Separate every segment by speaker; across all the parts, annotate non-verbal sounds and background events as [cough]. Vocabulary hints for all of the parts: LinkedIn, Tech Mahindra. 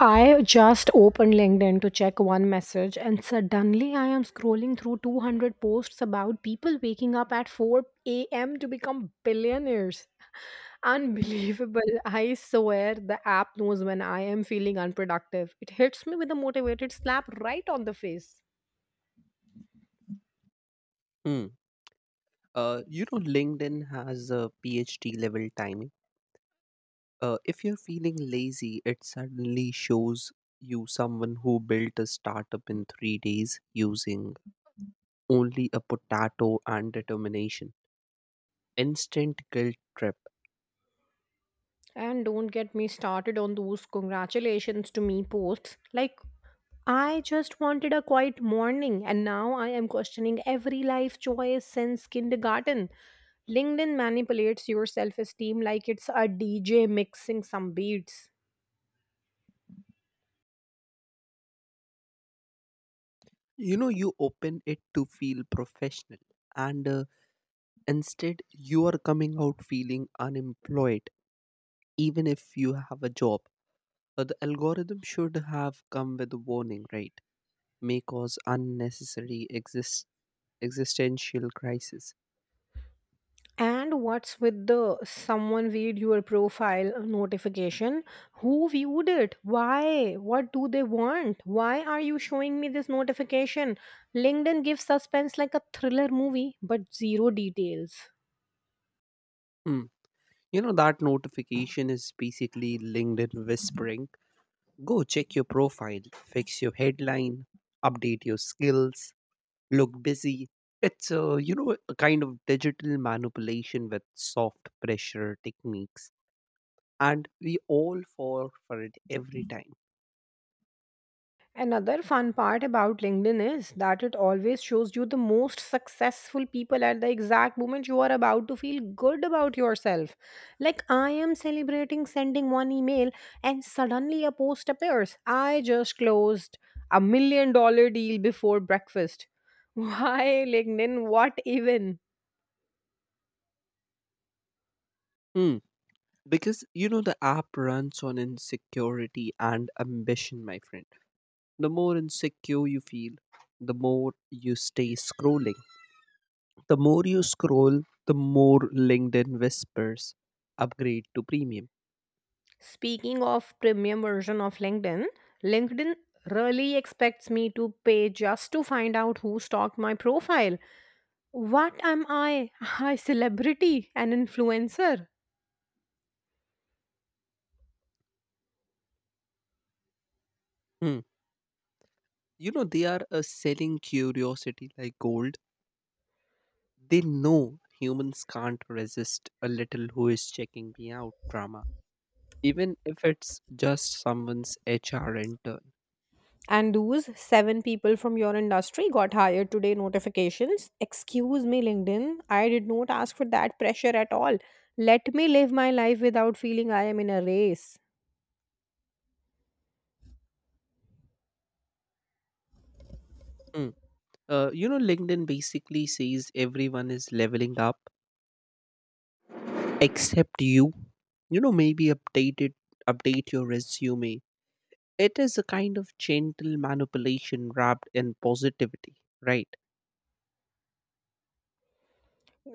Speaker 1: I just opened LinkedIn to check one message, and suddenly I am scrolling through 200 posts about people waking up at 4 a.m. to become billionaires. Unbelievable. I swear the app knows when I am feeling unproductive. It hits me with a motivated slap right on the face.
Speaker 2: Mm. LinkedIn has a PhD level timing. If you're feeling lazy, it suddenly shows you someone who built a startup in 3 days using only a potato and determination. Instant guilt trip.
Speaker 1: And don't get me started on those congratulations to me posts. Like, I just wanted a quiet morning, and now I am questioning every life choice since kindergarten. LinkedIn manipulates your self esteem like it's a DJ mixing some beats.
Speaker 2: You know, you open it to feel professional, and instead, you are coming out feeling unemployed, even if you have a job. The algorithm should have come with a warning, right? May cause unnecessary existential crisis.
Speaker 1: And what's with the someone viewed your profile notification? Who viewed it? Why? What do they want? Why are you showing me this notification? LinkedIn gives suspense like a thriller movie, but zero details.
Speaker 2: Hmm. You know, that notification is basically LinkedIn whispering, go check your profile, fix your headline, update your skills, look busy. It's a kind of digital manipulation with soft pressure techniques. And we all fall for it every time.
Speaker 1: Another fun part about LinkedIn is that it always shows you the most successful people at the exact moment you are about to feel good about yourself. Like, I am celebrating sending one email, and suddenly a post appears. I just closed a $1 million deal before breakfast. [laughs] Why LinkedIn? What even?
Speaker 2: Hmm. Because you know the app runs on insecurity and ambition, my friend. The more insecure you feel, the more you stay scrolling. The more you scroll, the more LinkedIn whispers, upgrade to premium.
Speaker 1: Speaking of premium version of LinkedIn, LinkedIn really expects me to pay just to find out who stalked my profile. What am I? [laughs] I celebrity, an influencer.
Speaker 2: Hmm. You know, they are a selling curiosity like gold. They know humans can't resist a little who is checking me out drama, even if it's just someone's HR intern.
Speaker 1: And those seven people from your industry got hired today notifications. Excuse me, LinkedIn. I did not ask for that pressure at all. Let me live my life without feeling I am in a race.
Speaker 2: Hmm. LinkedIn basically says everyone is leveling up except you. You know, maybe update it, update your resume. It is a kind of gentle manipulation wrapped in positivity, right?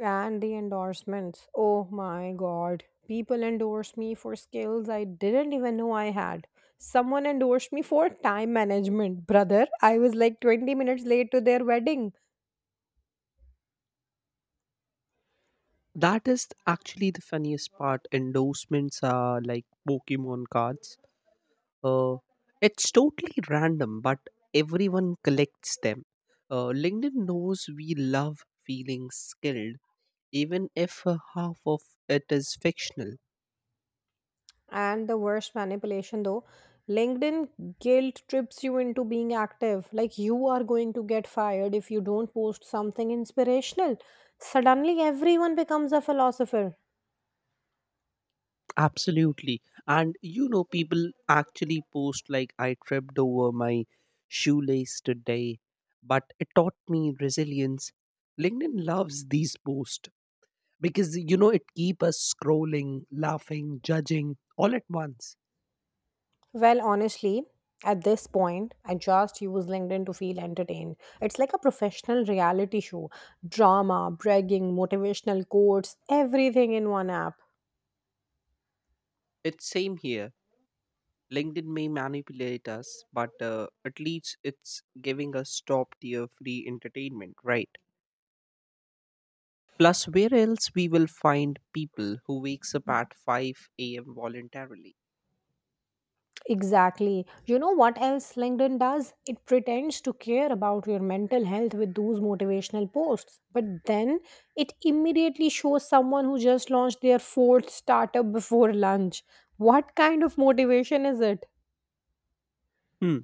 Speaker 1: And the endorsements. Oh my god. People endorse me for skills I didn't even know I had. Someone endorsed me for time management, brother. I was like 20 minutes late to their wedding.
Speaker 2: That is actually the funniest part. Endorsements are like Pokemon cards. uh, it's totally random, but everyone collects them. LinkedIn knows we love feeling skilled, even if half of it is fictional.
Speaker 1: And the worst manipulation though, LinkedIn guilt trips you into being active like you are going to get fired if you don't post something inspirational. Suddenly everyone becomes a philosopher.
Speaker 2: Absolutely. And you know, people actually post like, I tripped over my shoelace today, but it taught me resilience. LinkedIn loves these posts because, you know, it keep us scrolling, laughing, judging all at once.
Speaker 1: Well, honestly, at this point I just use LinkedIn to feel entertained. It's like a professional reality show, drama, bragging, motivational quotes, everything in one app.
Speaker 2: It's same here. LinkedIn may manipulate us, but at least it's giving us top tier free entertainment, right? Plus, where else we will find people who wakes up at 5 a.m. voluntarily?
Speaker 1: Exactly. You know what else LinkedIn does? It pretends to care about your mental health with those motivational posts. But then it immediately shows someone who just launched their fourth startup before lunch. What kind of motivation is it?
Speaker 2: Hmm.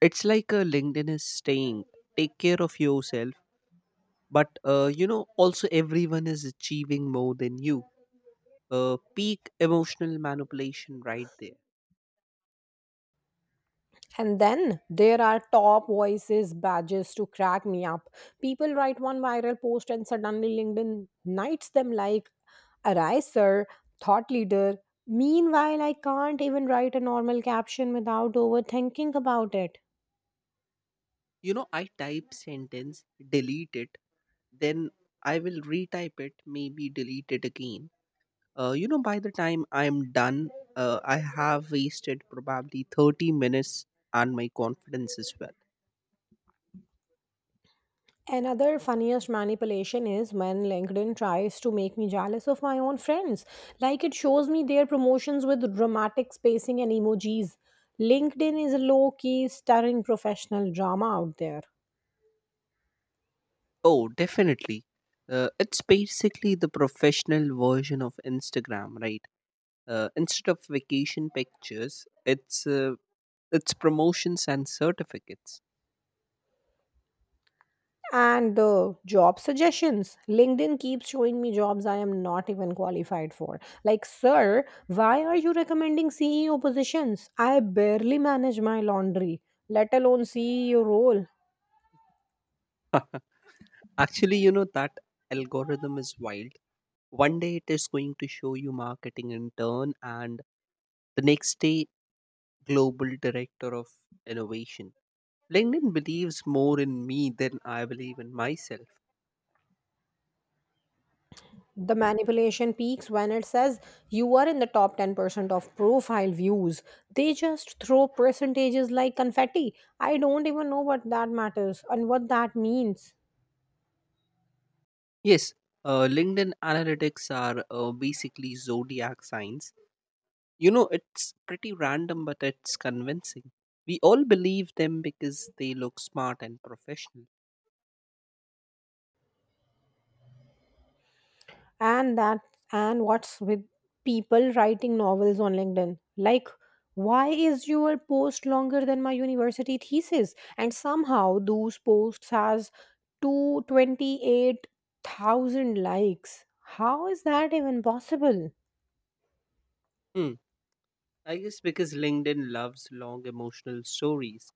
Speaker 2: It's like a LinkedIn is staying, take care of yourself, but you know, also everyone is achieving more than you. Peak emotional manipulation right there.
Speaker 1: And then there are top voices badges to crack me up. People write one viral post and suddenly LinkedIn knights them like, arise, sir, thought leader. Meanwhile, I can't even write a normal caption without overthinking about it.
Speaker 2: You know, I type sentence, delete it, then I will retype it, maybe delete it again. By the time I'm done, I have wasted probably 30 minutes and my confidence as well.
Speaker 1: Another funniest manipulation is when LinkedIn tries to make me jealous of my own friends. Like it shows me their promotions with dramatic spacing and emojis. LinkedIn is a low key, stirring professional drama out there.
Speaker 2: Oh, definitely. It's basically the professional version of Instagram, right? Instead of vacation pictures, it's promotions and certificates.
Speaker 1: And the job suggestions. LinkedIn keeps showing me jobs I am not even qualified for. Like, sir, why are you recommending CEO positions? I barely manage my laundry, let alone CEO role.
Speaker 2: [laughs] Actually, you know, that algorithm is wild. One day it is going to show you marketing intern, and the next day, global director of innovation. LinkedIn believes more in me than I believe in myself.
Speaker 1: The manipulation peaks when it says you are in the top 10% of profile views. They just throw percentages like confetti. I don't even know what that matters and what that means.
Speaker 2: Yes, LinkedIn analytics are basically zodiac signs. You know, it's pretty random, but it's convincing. We all believe them because they look smart and professional.
Speaker 1: and that and what's with people writing novels on LinkedIn? Like, why is your post longer than my university thesis, and somehow those posts has 228,000 likes? How is that even possible?
Speaker 2: Hmm. I guess because LinkedIn loves long emotional stories.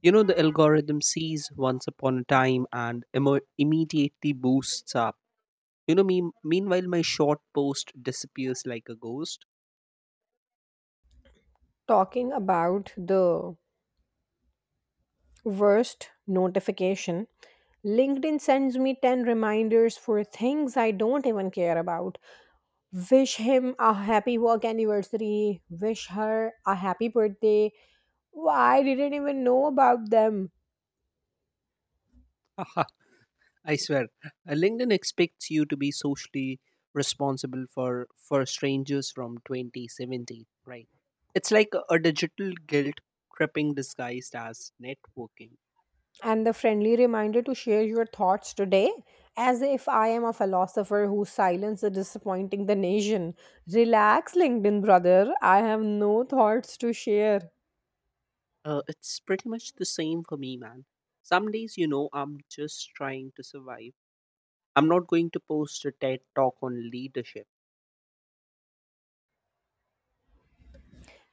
Speaker 2: You know, the algorithm sees once upon a time and immediately boosts up. You know, meanwhile, my short post disappears like a ghost.
Speaker 1: Talking about the worst notification, LinkedIn sends me 10 reminders for things I don't even care about. Wish him a happy work anniversary, wish her a happy birthday. Wow, I didn't even know about them.
Speaker 2: [laughs] Haha, I swear. LinkedIn expects you to be socially responsible for strangers from 2017, right? It's like a digital guilt tripping disguised as networking.
Speaker 1: And the friendly reminder to share your thoughts today, as if I am a philosopher who silenced the disappointing the nation. Relax, LinkedIn brother. I have no thoughts to share.
Speaker 2: It's pretty much the same for me, man. Some days, you know, I'm just trying to survive. I'm not going to post a TED talk on leadership.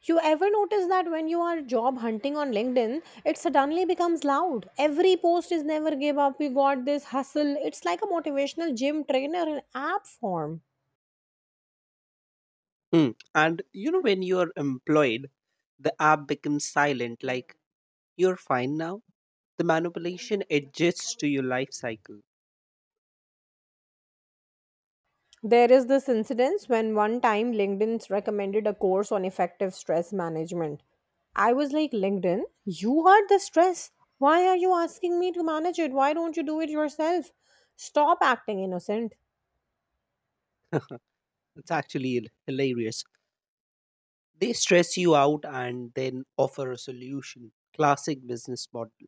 Speaker 1: You ever notice that when you are job hunting on LinkedIn, it suddenly becomes loud. Every post is never give up, we got this hustle. It's like a motivational gym trainer in app form.
Speaker 2: Hmm. And, you know, when you're employed, the app becomes silent, like, you're fine now. The manipulation adjusts to your life cycle.
Speaker 1: There is this incident when one time LinkedIn recommended a course on effective stress management. I was like, LinkedIn, you are the stress. Why are you asking me to manage it? Why don't you do it yourself? Stop acting innocent.
Speaker 2: It's actually hilarious. They stress you out and then offer a solution. Classic business model.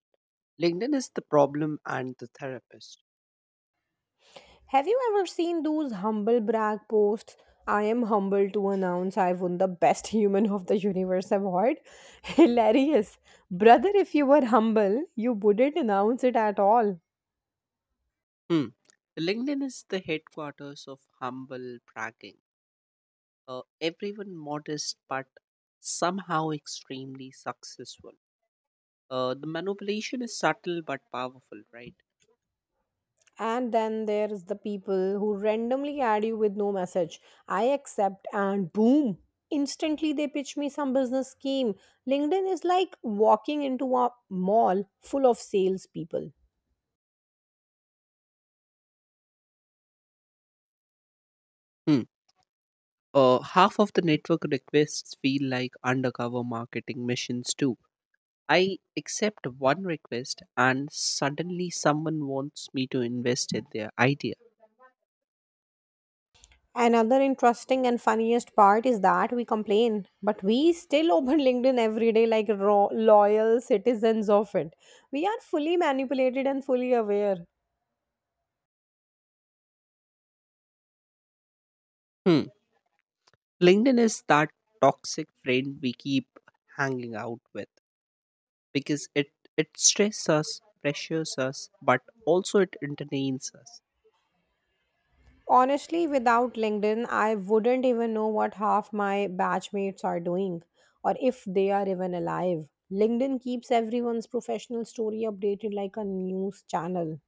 Speaker 2: LinkedIn is the problem and the therapist.
Speaker 1: Have you ever seen those humble brag posts? I am humbled to announce I won the Best [laughs] Human of the Universe award. [laughs] Hilarious. Brother, if you were humble, you wouldn't announce it at all.
Speaker 2: Hmm. LinkedIn is the headquarters of humble bragging. Everyone modest but somehow extremely successful. The manipulation is subtle but powerful, right?
Speaker 1: And then there's the people who randomly add you with no message. I accept, and boom, instantly they pitch me some business scheme. LinkedIn is like walking into a mall full of salespeople.
Speaker 2: Hmm. Half of the network requests feel like undercover marketing missions too. I accept one request and suddenly someone wants me to invest in their idea.
Speaker 1: Another interesting and funniest part is that we complain, but we still open [laughs] LinkedIn every day like loyal citizens of it. We are fully manipulated and fully aware.
Speaker 2: Hmm. LinkedIn is that toxic friend we keep hanging out with, because it stresses us, pressures us, but also it entertains us.
Speaker 1: Honestly, without LinkedIn, I wouldn't even know what half my batchmates are doing or if they are even alive. LinkedIn keeps everyone's professional story updated like a news channel.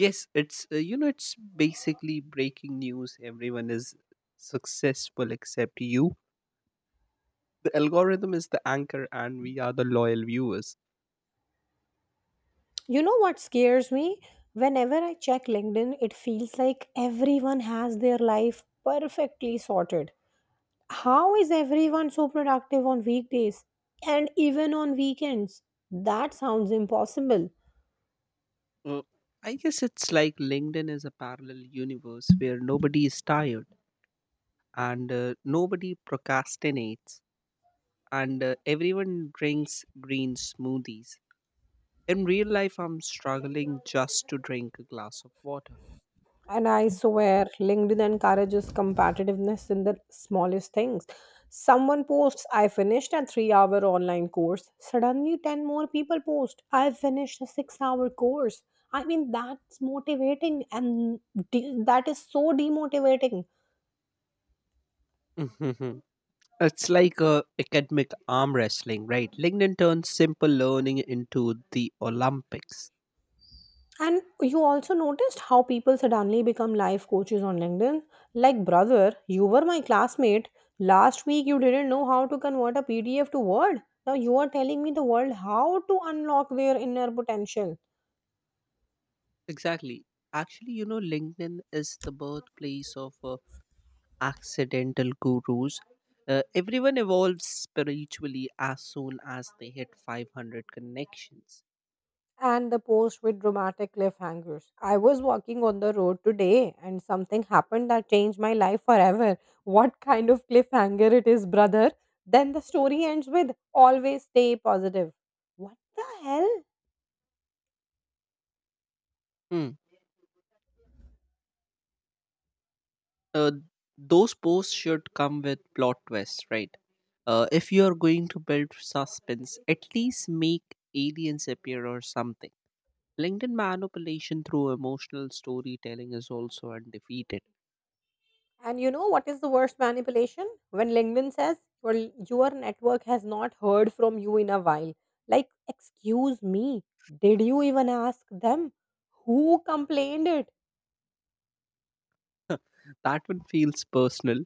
Speaker 2: Yes, it's you know it's basically breaking news, everyone is successful except you. The algorithm is the anchor and we are the loyal viewers.
Speaker 1: You know what scares me? Whenever I check LinkedIn, it feels like everyone has their life perfectly sorted. How is everyone so productive on weekdays and even on weekends? That sounds impossible.
Speaker 2: Uh, I guess it's like LinkedIn is a parallel universe where nobody is tired, and nobody procrastinates, and everyone drinks green smoothies. In real life, I'm struggling just to drink a glass of water.
Speaker 1: And I swear, LinkedIn encourages competitiveness in the smallest things. Someone posts, I finished a 3 hour online course. Suddenly, 10 more people post, I finished a 6 hour course. I mean, that's motivating and that is so demotivating.
Speaker 2: Mhm. It's like a academic arm wrestling, right? LinkedIn turns simple learning into the Olympics.
Speaker 1: And you also noticed how people suddenly become life coaches on LinkedIn? Like, brother, you were my classmate. Last week, you didn't know how to convert a PDF to Word. Now, you are telling me the world how to unlock their inner potential.
Speaker 2: Exactly. Actually, you know, LinkedIn is the birthplace of accidental gurus. Everyone evolves spiritually as soon as they hit 500 connections.
Speaker 1: And the post with dramatic cliffhangers. I was walking on the road today and something happened that changed my life forever. What kind of cliffhanger it is, brother? Then the story ends with always stay positive. What the hell?
Speaker 2: Hmm. Uh, those posts should come with plot twists, right? If you are going to build suspense, at least make aliens appear or something. LinkedIn manipulation through emotional storytelling is also undefeated.
Speaker 1: And you know what is the worst manipulation? When LinkedIn says, well, your network has not heard from you in a while. Like, excuse me, did you even ask them? Who complained it?
Speaker 2: [laughs] That one feels personal.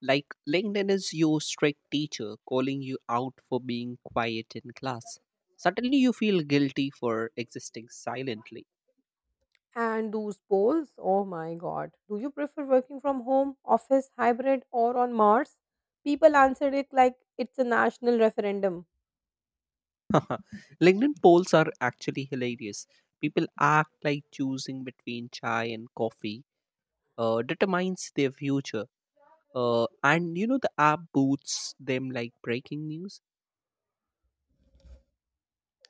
Speaker 2: Like LinkedIn is your strict teacher calling you out for being quiet in class. Suddenly you feel guilty for existing silently.
Speaker 1: And those polls, oh my god. Do you prefer working from home, office, hybrid, or on Mars? People answered it like it's a national referendum.
Speaker 2: [laughs] LinkedIn polls are actually hilarious. People act like choosing between chai and coffee determines their future. And you know, the app boots them like breaking news.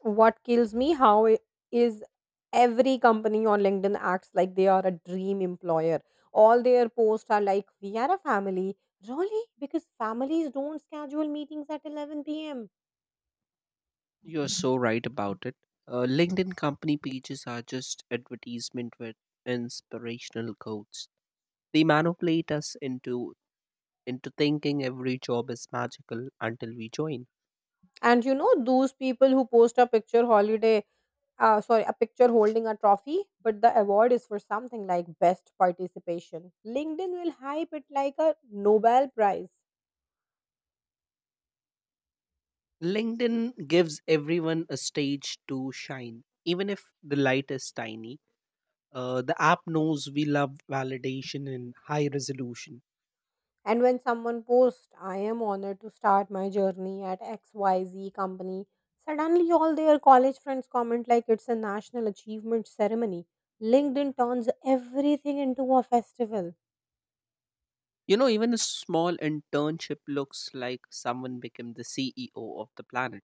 Speaker 1: What kills me how it is, every company on LinkedIn acts like they are a dream employer. All their posts are like, we are a family. Really? Because families don't schedule meetings at 11 p.m.
Speaker 2: You're so right about it. LinkedIn company pages are just advertisement with inspirational quotes. They manipulate us into thinking every job is magical until we join.
Speaker 1: And you know those people who post a picture holiday, sorry, a picture holding a trophy, but the award is for something like best participation, LinkedIn will hype it like a Nobel Prize.
Speaker 2: LinkedIn gives everyone a stage to shine, even if the light is tiny. The app knows we love validation in high resolution.
Speaker 1: And when someone posts, I am honored to start my journey at XYZ company, suddenly all their college friends comment like it's a national achievement ceremony. LinkedIn turns everything into a festival.
Speaker 2: You know, even a small internship looks like someone became the CEO of the planet.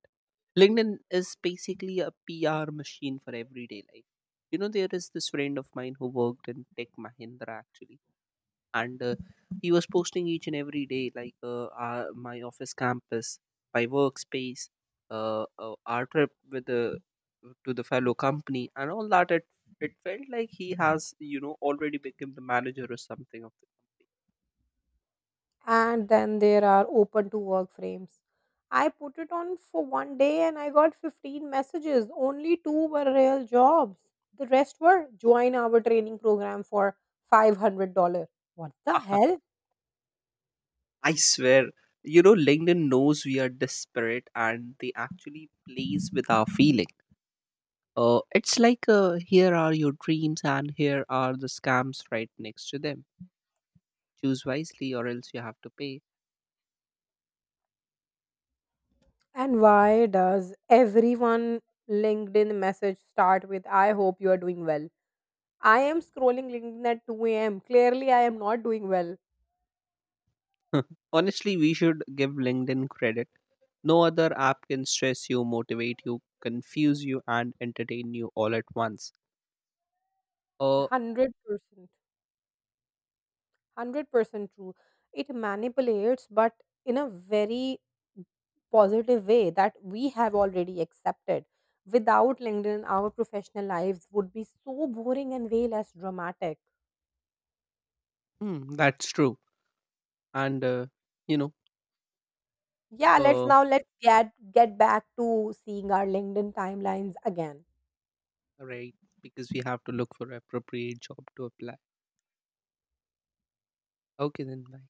Speaker 2: LinkedIn is basically a PR machine for everyday life. You know, there is this friend of mine who worked in Tech Mahindra actually, and he was posting each and every day, like my office campus, my workspace, our trip with the to the fellow company, and all that. It felt like he has, you know, already become the manager or something of the company.
Speaker 1: And then there are open to work frames. I put it on for one day and I got 15 messages. Only two were real jobs. The rest were join our training program for $500. What the
Speaker 2: Ah,
Speaker 1: hell?
Speaker 2: I swear, you know, LinkedIn knows we are desperate and they actually plays with our feeling. It's like here are your dreams and here are the scams right next to them. Choose wisely or else you have to pay.
Speaker 1: And why does everyone LinkedIn message start with I hope you are doing well? I am scrolling LinkedIn at 2 a.m. Clearly, I am not doing well.
Speaker 2: [laughs] Honestly, we should give LinkedIn credit. No other app can stress you, motivate you, confuse you, and entertain you all at once. Uh,
Speaker 1: 100%. 100% true. It manipulates, but in a very positive way that we have already accepted. Without LinkedIn, our professional lives would be so boring and way less dramatic.
Speaker 2: that's true. And, you know,
Speaker 1: Yeah, let's
Speaker 2: uh,
Speaker 1: now let's get back to seeing our LinkedIn timelines again.
Speaker 2: right, because we have to look for appropriate job to apply. Okay, then bye.